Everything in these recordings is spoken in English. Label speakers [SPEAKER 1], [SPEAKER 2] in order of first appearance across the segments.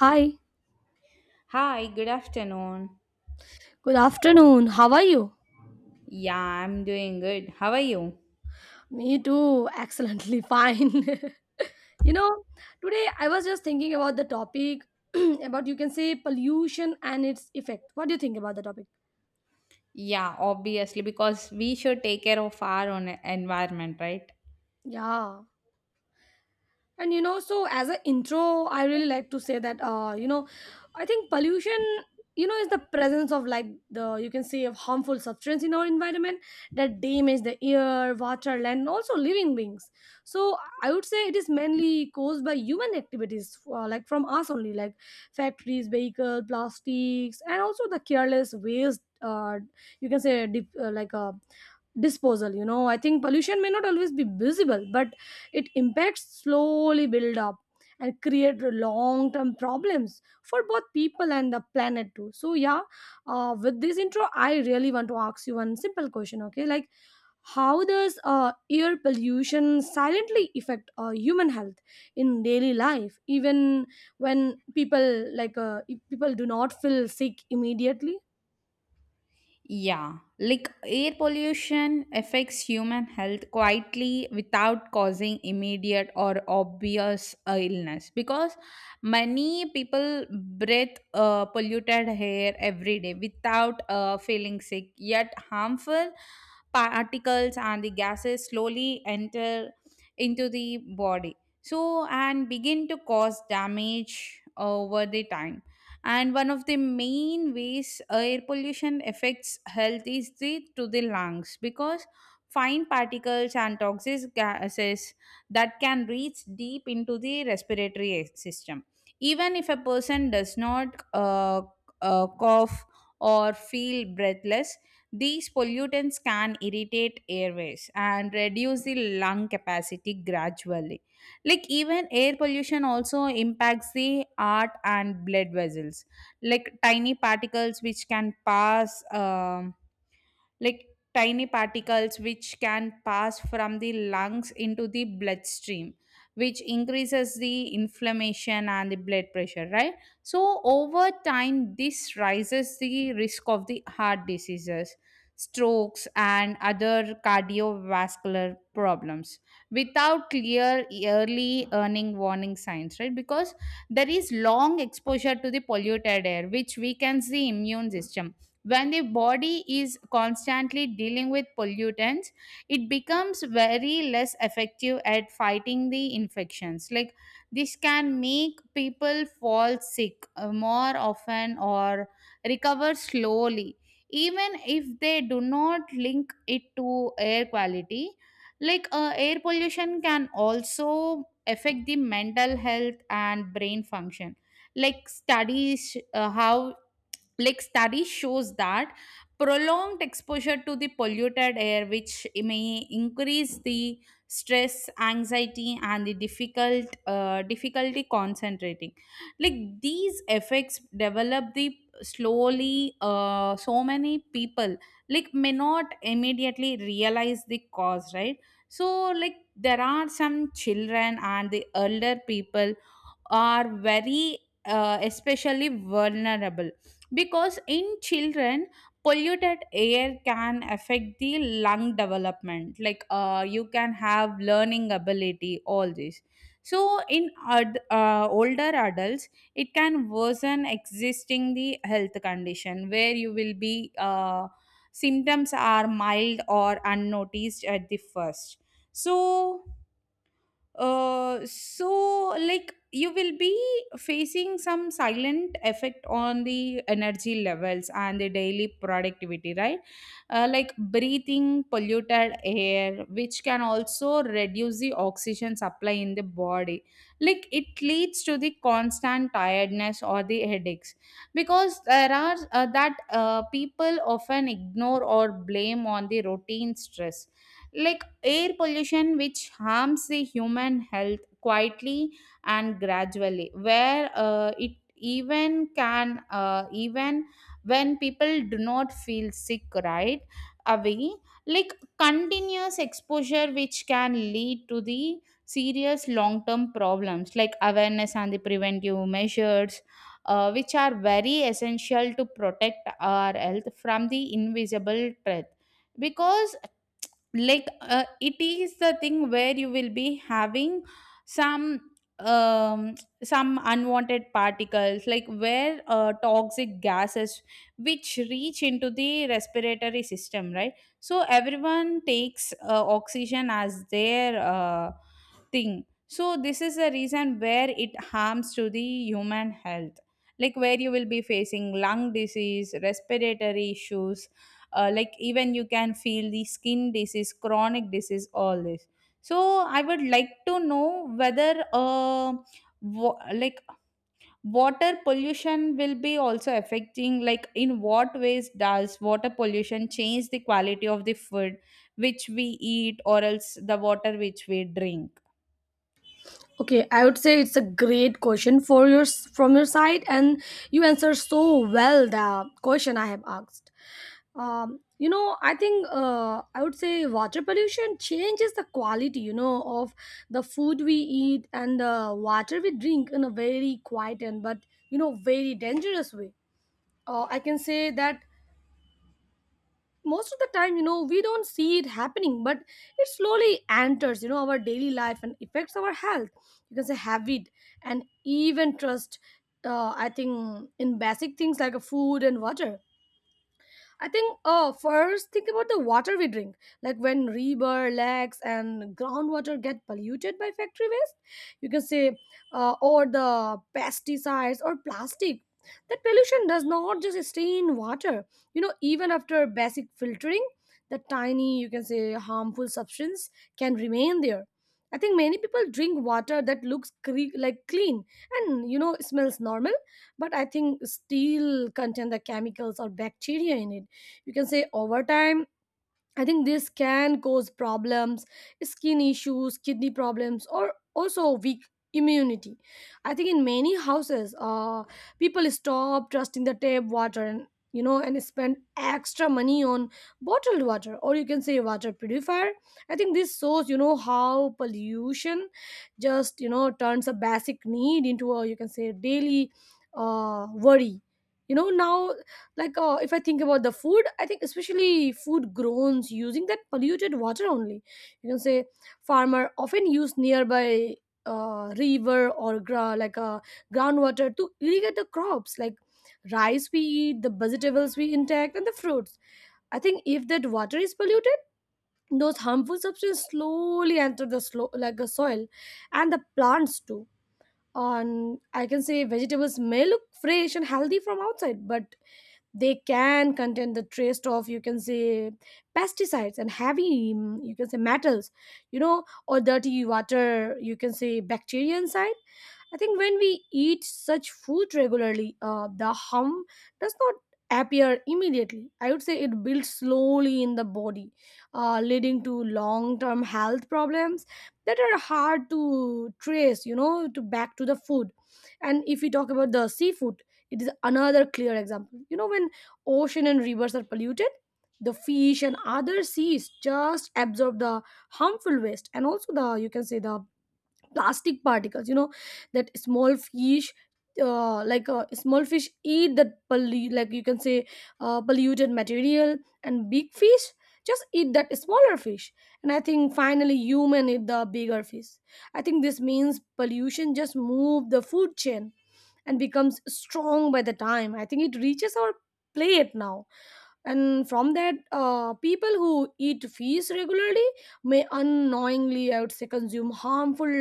[SPEAKER 1] Hi,
[SPEAKER 2] Hi, good afternoon.
[SPEAKER 1] good afternoon. How are you?
[SPEAKER 2] Yeah, I'm doing good. How are you?
[SPEAKER 1] Me too. Excellently fine. you know, today I was just thinking about the topic about you can say pollution and its effect. What do you think about the topic?
[SPEAKER 2] Yeah, obviously, because we should take care of our own environment, right?
[SPEAKER 1] Yeah. And so as an intro, I really like to say that I think pollution, is the presence of like the you can say of harmful substance in our environment that damage the air, water, land, and also living beings. So I would say it is mainly caused by human activities, like from us only, like factories, vehicles, plastics, and also the careless waste. You can say dip, like disposal. I think pollution may not always be visible, but it impacts slowly build up and create long term problems for both people and the planet too. So yeah, with this intro I really want to ask you one simple question, okay. Like how does air pollution silently affect human health in daily life, even when people do not feel sick immediately.
[SPEAKER 2] Yeah, like air pollution affects human health quietly without causing immediate or obvious illness, because many people breathe polluted air every day without feeling sick, yet harmful particles and the gases slowly enter into the body, so and begin to cause damage over the time. And one of the main ways air pollution affects health is the to the lungs, because fine particles and toxic gases that can reach deep into the respiratory system, even if a person does not cough or feel breathless, these pollutants can irritate airways and reduce the lung capacity gradually. Like even air pollution also impacts the heart and blood vessels. Like tiny particles which can pass like tiny particles which can pass from the lungs into the bloodstream, which increases the inflammation and the blood pressure, right? So over time this rises the risk of the heart diseases, strokes and other cardiovascular problems without clear early earning warning signs, right? Because there is long exposure to the polluted air which weakens the immune system. When the body is constantly dealing with pollutants, it becomes very less effective at fighting the infections. Like this can make people fall sick more often or recover slowly, even if they do not link it to air quality. Like air pollution can also affect the mental health and brain function. Like studies how like study shows that prolonged exposure to the polluted air which may increase the stress, anxiety and the difficulty concentrating. Like these effects develop the slowly, so many people like may not immediately realize the cause, right? So like there are some children and the elder people are very, especially vulnerable, because in children polluted air can affect the lung development, like you can have learning ability, all this. So in older adults it can worsen existing the health condition where you will be, symptoms are mild or unnoticed at the first. So so like you will be facing some silent effect on the energy levels and the daily productivity, right? Like breathing polluted air which can also reduce the oxygen supply in the body. Like it leads to the constant tiredness or the headaches, because there are that people often ignore or blame on the routine stress. Like air pollution which harms the human health quietly and gradually, where it even can even when people do not feel sick right away. Like continuous exposure which can lead to the serious long term problems, like awareness and the preventive measures which are very essential to protect our health from the invisible threat. Because like it is the thing where you will be having some um some unwanted particles, like where toxic gases which reach into the respiratory system, right? So everyone takes oxygen as their thing. So this is the reason where it harms to the human health. Like where you will be facing lung disease, respiratory issues, like even you can feel the skin disease, chronic disease, all this. So I would like to know whether wa- like water pollution will be also affecting, like in what ways does water pollution change the quality of the food which we eat or else the water which we drink?
[SPEAKER 1] Okay, I would say it's a great question for your from your side, and you answer so well the question I have asked. I would say water pollution changes the quality, of the food we eat and the water we drink in a very quiet and but very dangerous way. I can say that most of the time, we don't see it happening, but it slowly enters, our daily life and affects our health, you can say habit, and even trust. I think in basic things like a food and water. I think first think about the water we drink. Like when river, lakes, and groundwater get polluted by factory waste, you can say, or the pesticides or plastic. That pollution does not just stay in water. Even after basic filtering, the tiny, harmful substance can remain there. I think many people drink water that looks like clean and smells normal, but I think still contain the chemicals or bacteria in it. You can say Over time, I think this can cause problems, skin issues, kidney problems, or also weak immunity. I think in many houses, people stop trusting the tap water, and you know and spend extra money on bottled water, or you can say water purifier. I think this shows, how pollution just, turns a basic need into a, you can say daily worry. Now, like if I think about the food, I think especially food grown using that polluted water only. You can say Farmer often use nearby, river, or groundwater to irrigate the crops, like rice we eat, the vegetables we intake, and the fruits. I think if that water is polluted, those harmful substances slowly enter the slow like the soil and the plants too. And I can say vegetables may look fresh and healthy from outside, but they can contain the trace of, you can say pesticides and heavy, mm, you can say metals, or dirty water, you can say bacteria inside. I think when we eat such food regularly, the harm does not appear immediately. I would say it builds slowly in the body, leading to long term health problems that are hard to trace, to back to the food. And if we talk about the seafood, it is another clear example. When ocean and rivers are polluted, the fish and other seas just absorb the harmful waste, and also the plastic particles. That small fish. Like small fish eat that pollu- like you can say polluted material, and big fish just eat that smaller fish. And I think finally human eat the bigger fish. I think this means pollution just move the food chain and becomes strong by the time, I think, it reaches our plate now. And from that, people who eat fish regularly may unknowingly, I would say, consume harmful,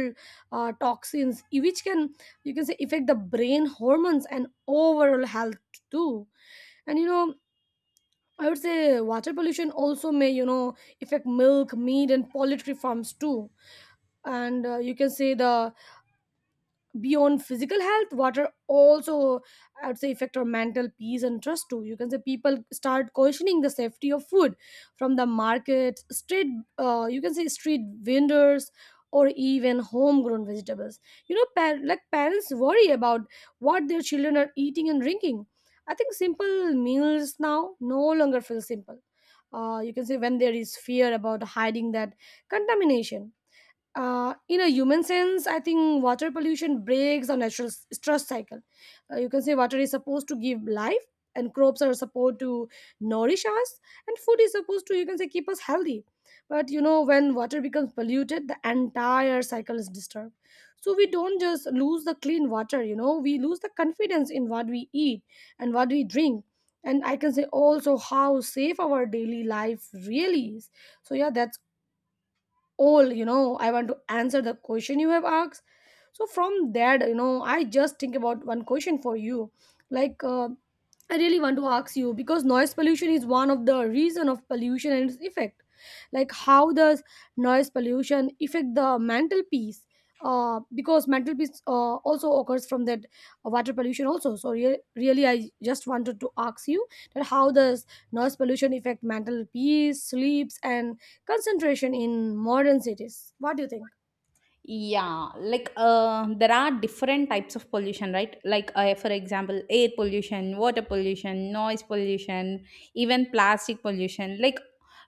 [SPEAKER 1] toxins, which can, you can say affect the brain, hormones, and overall health too. And I would say water pollution also may, affect milk, meat, and poultry farms too. And you can say the beyond physical health, water also, I would say, affect our mental peace and trust too. You can say People start questioning the safety of food from the market street, you can say street vendors, or even homegrown vegetables. Parents worry about what their children are eating and drinking. I think simple meals now no longer feel simple, you can say when there is fear about hiding that contamination. In a human sense, I think water pollution breaks the natural stress cycle. You can say Water is supposed to give life, and crops are supposed to nourish us, and food is supposed to, keep us healthy. But when water becomes polluted, the entire cycle is disturbed. So we don't just lose the clean water, we lose the confidence in what we eat and what we drink. And I can say also how safe our daily life really is. So yeah, that's all. I want to answer the question you have asked. So from that, I just think about one question for you, like I really want to ask you because noise pollution is one of the reason of pollution and its effect. Like how does noise pollution affect the mental peace? Because mental peace, also occurs from that water pollution also. So really, I just wanted to ask you that how does noise pollution affect mental peace, sleeps, and concentration in modern cities? What do you think?
[SPEAKER 2] Yeah, like there are different types of pollution, right? Like for example, air pollution, water pollution, noise pollution, even plastic pollution, like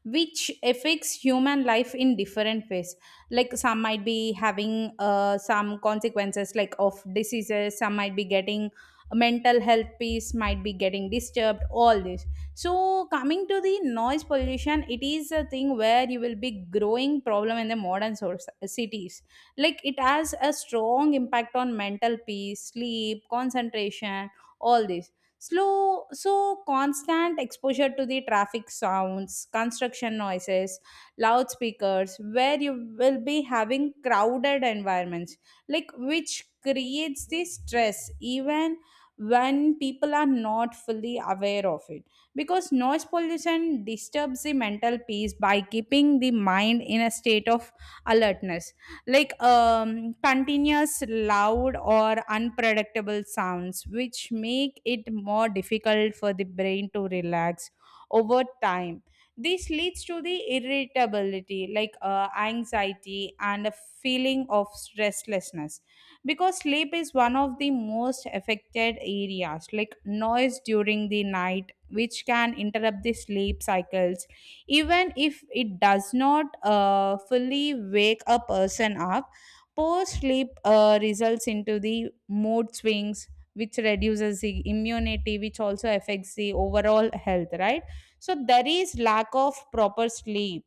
[SPEAKER 2] which affects human life in different ways. Like some might be having some consequences, like of diseases, some might be getting mental health peace might be getting disturbed, all this. So coming to the noise pollution, it is a thing where you will be growing problem in the modern source, cities, like it has a strong impact on mental peace, sleep, concentration, all this slow. So constant exposure to the traffic sounds, construction noises, loudspeakers, where you will be having crowded environments, like which creates the stress even when people are not fully aware of it. Because noise pollution disturbs the mental peace by keeping the mind in a state of alertness, like continuous loud or unpredictable sounds which make it more difficult for the brain to relax. Over time this leads to the irritability, like anxiety and a feeling of restlessness. Because sleep is one of the most affected areas, like noise during the night which can interrupt the sleep cycles, even if it does not fully wake a person up. Poor sleep results into the mood swings, which reduces the immunity, which also affects the overall health, right? So there is lack of proper sleep,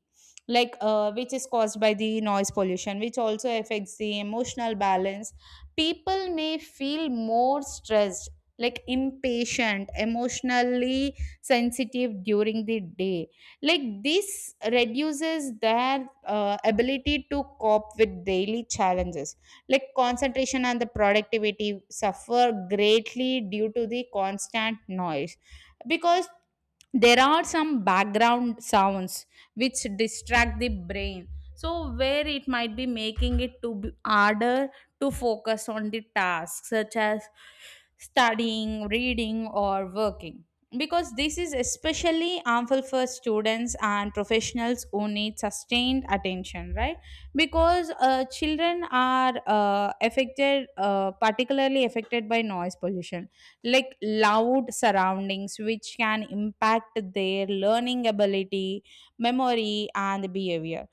[SPEAKER 2] like which is caused by the noise pollution, which also affects the emotional balance. People may feel more stressed, like impatient, emotionally sensitive during the day. Like this reduces their ability to cope with daily challenges. Like concentration and the productivity suffer greatly due to the constant noise, because there are some background sounds which distract the brain, so where it might be making it to be harder to focus on the tasks such as studying, reading or working, because this is especially harmful for students and professionals who need sustained attention, right? Because children are affected, particularly affected by noise pollution, like loud surroundings which can impact their learning ability, memory and behavior.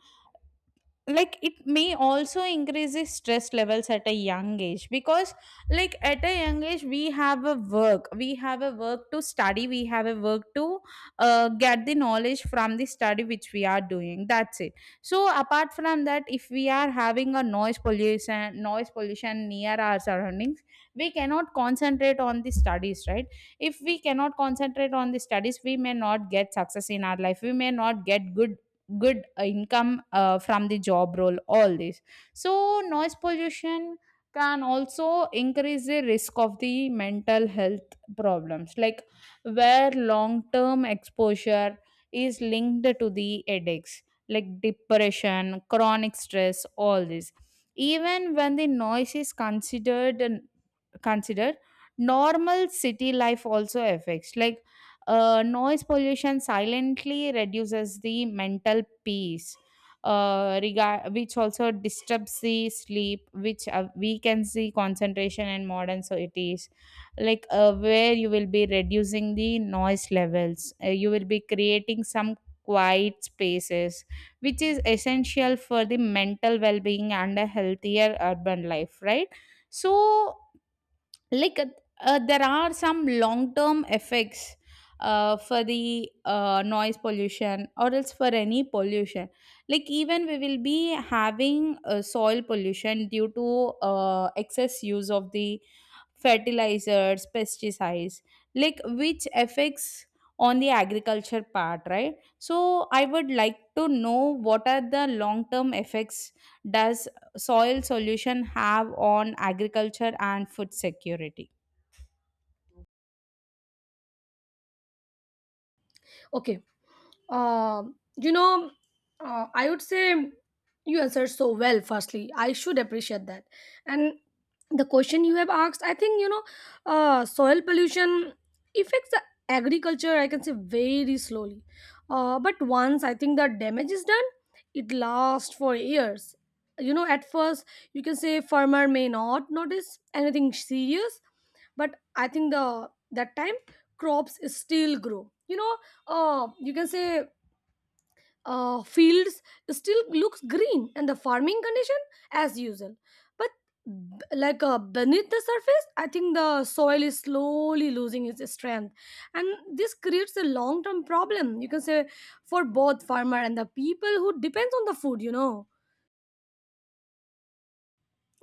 [SPEAKER 2] Like it may also increase the stress levels at a young age, because like at a young age we have a work to study, we have a work to get the knowledge from the study which we are doing, that's it. So apart from that, if we are having a noise pollution near our surroundings, we cannot concentrate on the studies, right? If we cannot concentrate on the studies, we may not get success in our life, we may not get good income from the job role, all this. So noise pollution can also increase the risk of the mental health problems, like where long term exposure is linked to the headaches, like depression, chronic stress, all this, even when the noise is considered Consider normal city life also affects. Like noise pollution silently reduces the mental peace, regard which also disturbs the sleep, which weakens the concentration in modern cities. Like where you will be reducing the noise levels, you will be creating some quiet spaces, which is essential for the mental well-being and a healthier urban life, right? So like there are some long term effects for the noise pollution or else for any pollution, like even we will be having soil pollution due to excess use of the fertilizers, pesticides, like which affects on the agriculture part, right? So I would like to know, what are the long term effects does soil solution have on agriculture and food security?
[SPEAKER 1] Okay. Um, you know, I would say you answered so well. Firstly, I should appreciate that. And the question you have asked, I think, soil pollution affects the agriculture. I can say very slowly, but once I think the damage is done, it lasts for years. At first, you can say farmer may not notice anything serious, but I think the that time crops still grow. You know you can say Fields still looks green and the farming condition as usual. But beneath the surface, I think the soil is slowly losing its strength, and this creates a long term problem. You can say For both farmer and the people who depends on the food.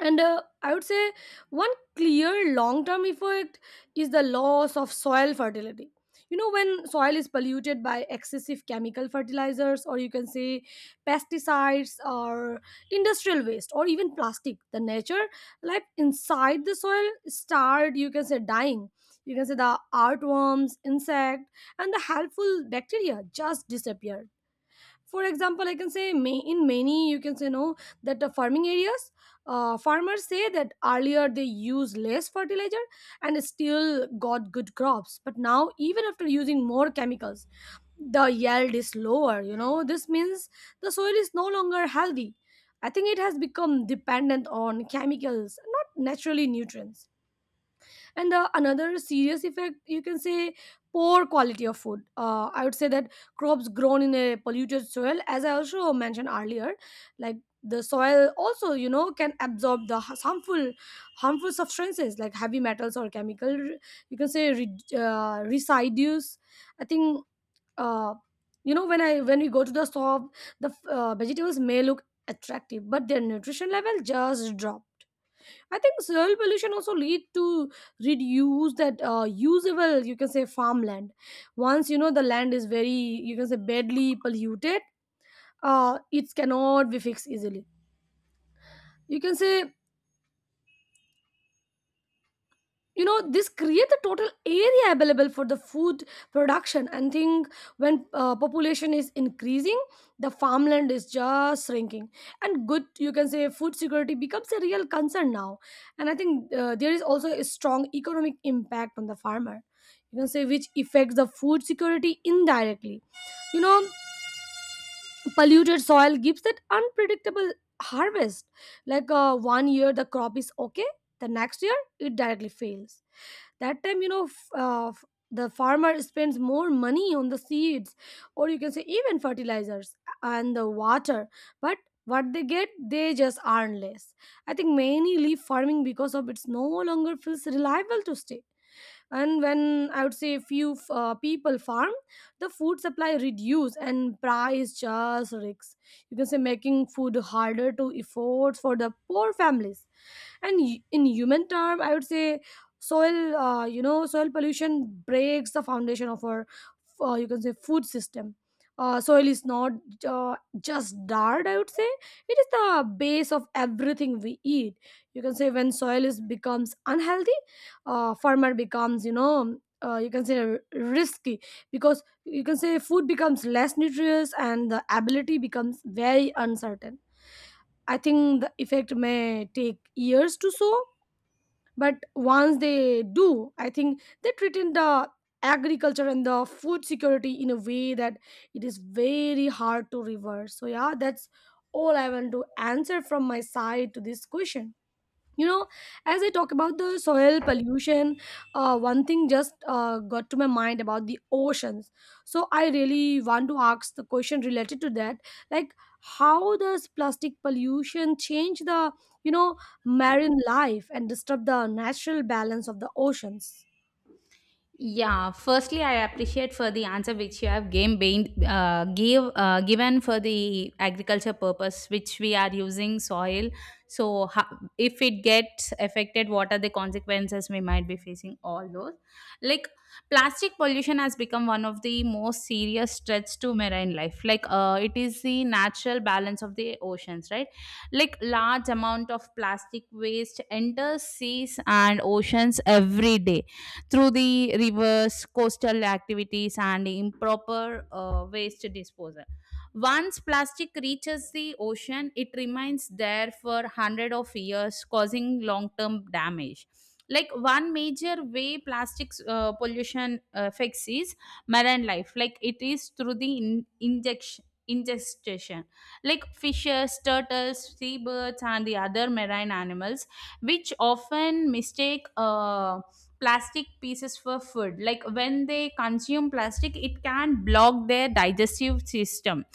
[SPEAKER 1] And I would say one clear long term effect is the loss of soil fertility. When soil is polluted by excessive chemical fertilizers, or you can say pesticides, or industrial waste, or even plastic, the nature, like inside the soil, start, you can say dying. You can say The artworms, insect, and the helpful bacteria just disappear. For example, I can say may, in many, you can say no, that the farming areas, farmers say that earlier they used less fertilizer and still got good crops, but now even after using more chemicals the yield is lower. This means the soil is no longer healthy. I think it has become dependent on chemicals, not naturally nutrients. And the another serious effect, you can say poor quality of food. I would say that crops grown in a polluted soil, as I also mentioned earlier, like the soil also, can absorb the harmful substances like heavy metals or chemical, you can say re, residues. I think, uh, when we go to the shop, the vegetables may look attractive, but their nutrition level just drop. I think soil pollution also lead to reduce that, usable, farmland. Once the land is very, badly polluted, it cannot be fixed easily. You can say you know this create a total area available for the food production and think when population is increasing, the farmland is just shrinking and good, you can say, food security becomes a real concern now. And I think there is also a strong economic impact on the farmer, you can say, which affects the food security indirectly. You know, polluted soil gives that unpredictable harvest. Like one year the crop is okay, the next year it directly fails. That time, you know, the farmer spends more money on the seeds, or you can say even fertilizers and the water, but what they get, they just earn less. I think many leave farming because of it's no longer feels reliable to stay. And when, I would say, few people farm, the food supply reduce and price just risks, you can say making food harder to afford for the poor families. And in human term, I would say, soil you know, soil pollution breaks the foundation of our you can say food system. Soil is not, uh, just dirt, I would say. It is the base of everything we eat. You can say when soil is becomes unhealthy, farmer becomes, you know, you can say risky, because you can say food becomes less nutritious and the ability becomes very uncertain. I think the effect may take years to show, but once they do, I think they treat in the agriculture and the food security in a way that it is very hard to reverse. So yeah, that's all I want to answer from my side to this question. You know, as I talk about the soil pollution, one thing just got to my mind about the oceans. So I really want to ask the question related to that, like, how does plastic pollution change the, you know, marine life and disturb the natural balance of the oceans?
[SPEAKER 2] Yeah, firstly, I appreciate for the answer which you have game bain- give given for the agriculture purpose which we are using soil. So, if it gets affected, what are the consequences we might be facing? All those, like plastic pollution, has become one of the most serious threats to marine life. Like it is the natural balance of the oceans, right? Like large amount of plastic waste enters seas and oceans every day through the rivers, coastal activities, and improper waste disposal. Once plastic reaches the ocean, it remains there for hundred of years, causing long-term damage. Like one major way plastics pollution affects is marine life. Like it is through the in- injection ingestion, like fishes, turtles, seabirds and the other marine animals which often mistake plastic pieces for food. Like when they consume plastic, it can block their digestive system,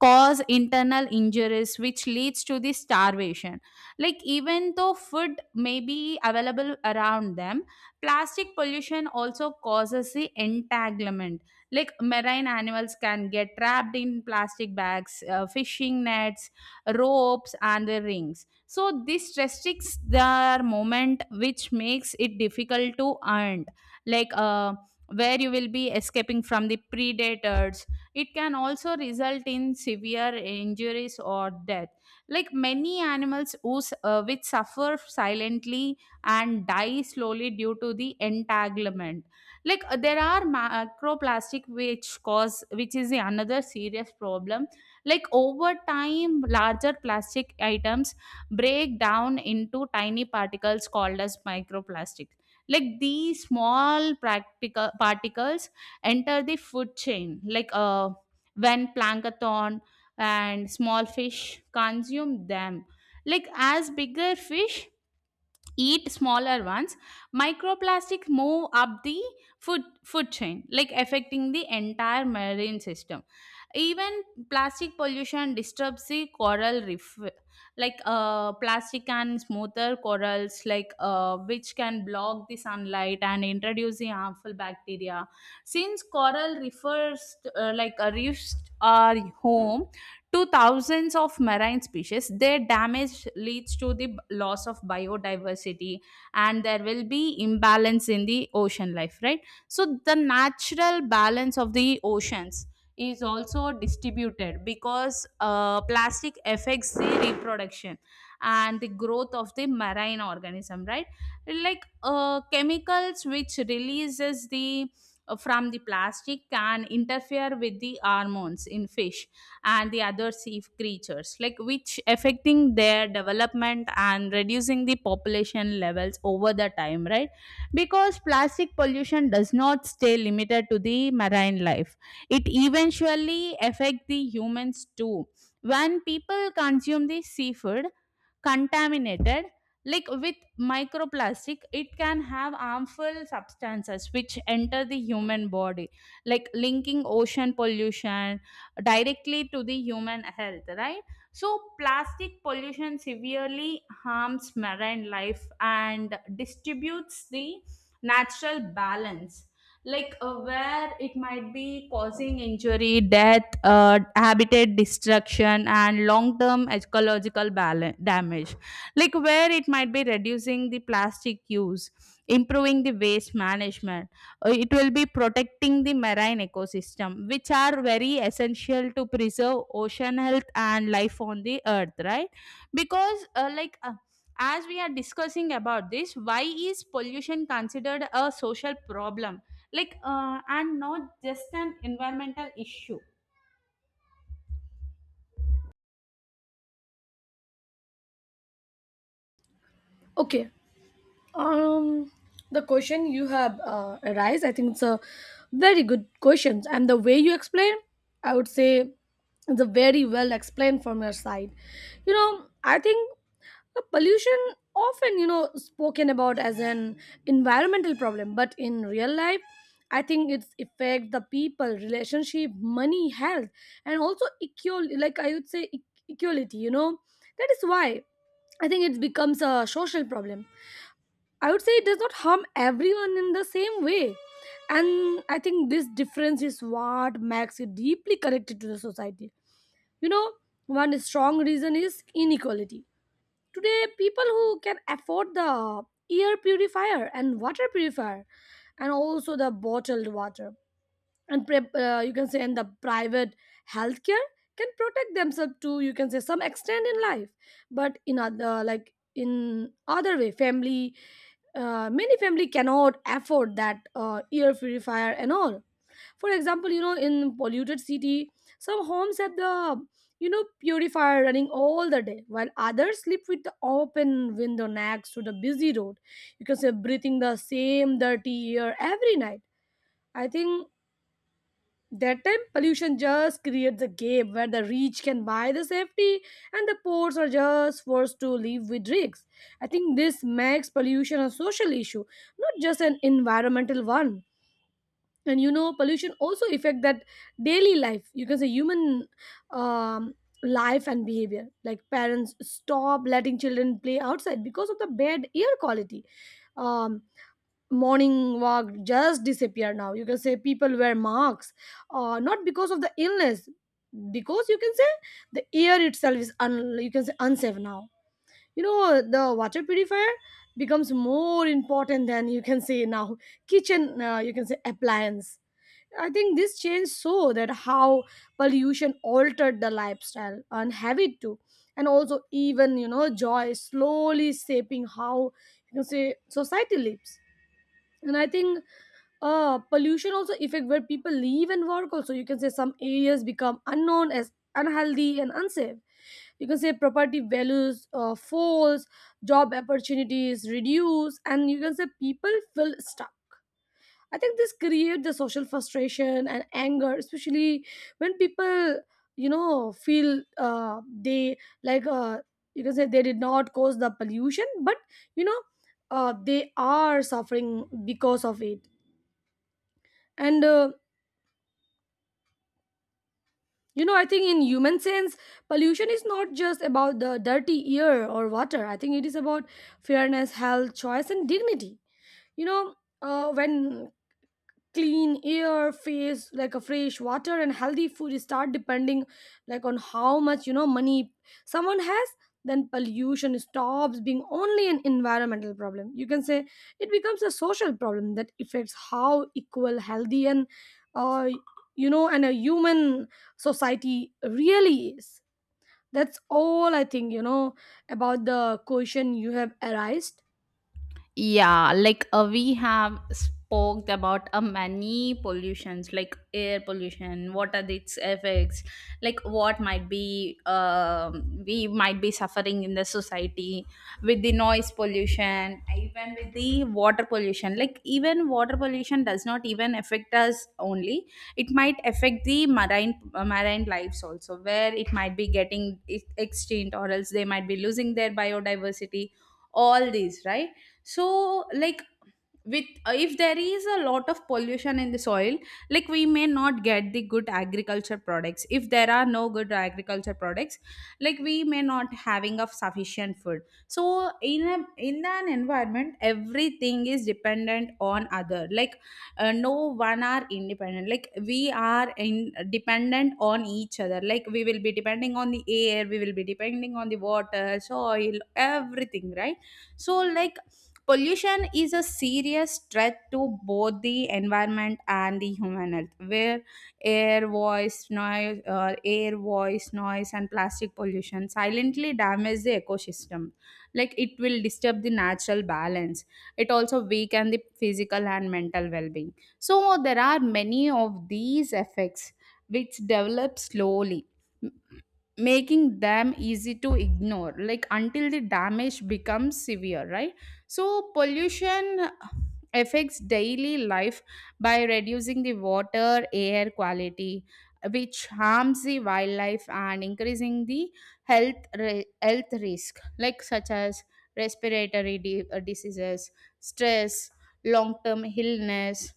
[SPEAKER 2] cause internal injuries, which leads to the starvation, like even though food may be available around them. Plastic pollution also causes the entanglement, like marine animals can get trapped in plastic bags, fishing nets, ropes and the rings, so this restricts their movement, which makes it difficult to hunt, like where you will be escaping from the predators. It can also result in severe injuries or death. Like many animals which suffer silently and die slowly due to the entanglement. Like there are macroplastic which cause which is the another serious problem. Like over time, larger plastic items break down into tiny particles called as microplastics. Like these small practical particles enter the food chain when plankton and small fish consume them, like as bigger fish eat smaller ones, microplastics move up the food chain, like affecting the entire marine system. Even plastic pollution disturbs the coral reef. Plastic and smoother corals, which can block the sunlight and introduce the harmful bacteria, since coral refers like a reefs are home to thousands of marine species. Their damage leads to the loss of biodiversity, and there will be imbalance in the ocean life, right? So the natural balance of the oceans is also distributed because plastic affects the reproduction and the growth of the marine organism, right? Chemicals which releases the from the plastic can interfere with the hormones in fish and the other sea creatures, like which affecting their development and reducing the population levels over the time, right? Because plastic pollution does not stay limited to the marine life, it eventually affect the humans too. When people consume the seafood contaminated like with microplastic, it can have harmful substances which enter the human body, like linking ocean pollution directly to the human health, right? So plastic pollution severely harms marine life and distributes the natural balance, where it might be causing injury, death, habitat destruction, and long term ecological balance, damage. Like where it might be reducing the plastic use, improving the waste management. It will be protecting the marine ecosystem, which are very essential to preserve ocean health and life on the earth, right? Because, uh, like, uh, as we are discussing about this, why is pollution considered a social problem, and not just an environmental issue?
[SPEAKER 1] Okay. Um, the question you have arise, I think it's a very good question, and the way you explain, I would say, it's a very well explained from your side. You know, I think the pollution often, you know, spoken about as an environmental problem, but in real life, I think it's affect the people, relationship, money, health, and also equal. Like I would say, equality. You know, that is why I think it becomes a social problem. I would say it does not harm everyone in the same way. And I think this difference is what makes it deeply connected to the society. You know, one strong reason is inequality. Today, people who can afford the air purifier and water purifier and also the bottled water and you can say in the private healthcare can protect themselves to, you can say, some extent in life, but in other, like in other way family, many family cannot afford that air purifier and all. For example, you know, in polluted city, some homes have the, you know, purifier running all the day, while others sleep with the open window next to the busy road, you can say breathing the same dirty air every night. I think that time, pollution just creates a gap where the rich can buy the safety and the poor are just forced to live with risks. I think this makes pollution a social issue, not just an environmental one. And you know, pollution also affect that daily life. You can say human, um, life and behavior. Like parents stop letting children play outside because of the bad air quality. Um, Morning walk just disappear now. You can say people wear masks, not because of the illness, because you can say the air itself is you can say unsafe now. You know, the water purifier becomes more important than, you can say, now kitchen you can say appliance. I think this change so that how pollution altered the lifestyle and habit too, and also even, you know, joy slowly shaping how, you can say, society lives. And I think pollution also affect where people live and work. Also, you can say some areas become unknown as unhealthy and unsafe. You can say property values falls, job opportunities reduce and, you can say, people feel stuck. I think this create the social frustration and anger, especially when people, you know, feel they, like, you can say they did not cause the pollution, but, you know, they are suffering because of it. And you know, I think in human sense, pollution is not just about the dirty air or water. I think it is about fairness, health, choice, and dignity. You know, when clean air face like a fresh water and healthy food start depending, like, on how much, you know, money someone has, then pollution stops being only an environmental problem. You can say it becomes a social problem that affects how equal, healthy and, uh, you know, and a human society really is. That's all I think, you know, about the question you have arised.
[SPEAKER 2] Yeah, we have spoke about many pollutions, like air pollution, what are its effects, like what might be we might be suffering in the society with the noise pollution, even with the water pollution. Like even water pollution does not even affect us only; it might affect the marine marine lives also, where it might be getting extinct or else they might be losing their biodiversity. All these, right? So like with if there is a lot of pollution in the soil, like we may not get the good agriculture products. If there are no good agriculture products, like we may not having of sufficient food. So in a in an environment everything is dependent on other, like no one are independent. Like we are in dependent on each other, like we will be depending on the air, we will be depending on the water, soil, everything, right? So like pollution is a serious threat to both the environment and the human health, where air, voice, noise, and plastic pollution silently damage the ecosystem. Like it will disturb the natural balance. It also weaken the physical and mental well-being. So there are many of these effects which develop slowly, making them easy to ignore, like until the damage becomes severe, right? So pollution affects daily life by reducing the water air quality, which harms the wildlife, and increasing the health risk, like such as diseases, stress, long term illness.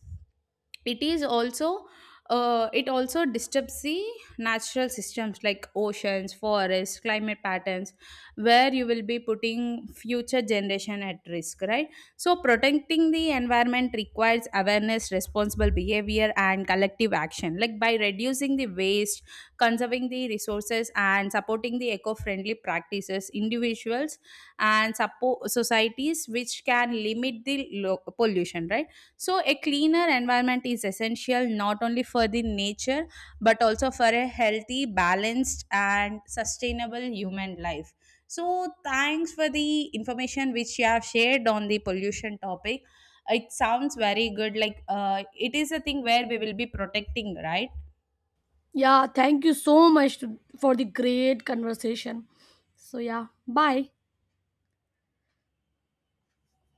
[SPEAKER 2] It is also it also disturbs the natural systems like oceans, forests, climate patterns, where you will be putting future generation at risk, right? So protecting the environment requires awareness, responsible behavior and collective action, like by reducing the waste, conserving the resources and supporting the eco-friendly practices. Individuals and support societies which can limit the pollution, right? So, a cleaner environment is essential not only for the nature but also for a healthy, balanced, and sustainable human life. So, thanks for the information which you have shared on the pollution topic. It sounds very good. Like, it is a thing where we will be protecting, right?
[SPEAKER 1] Yeah, thank you so much to, for the great conversation. So, yeah, bye.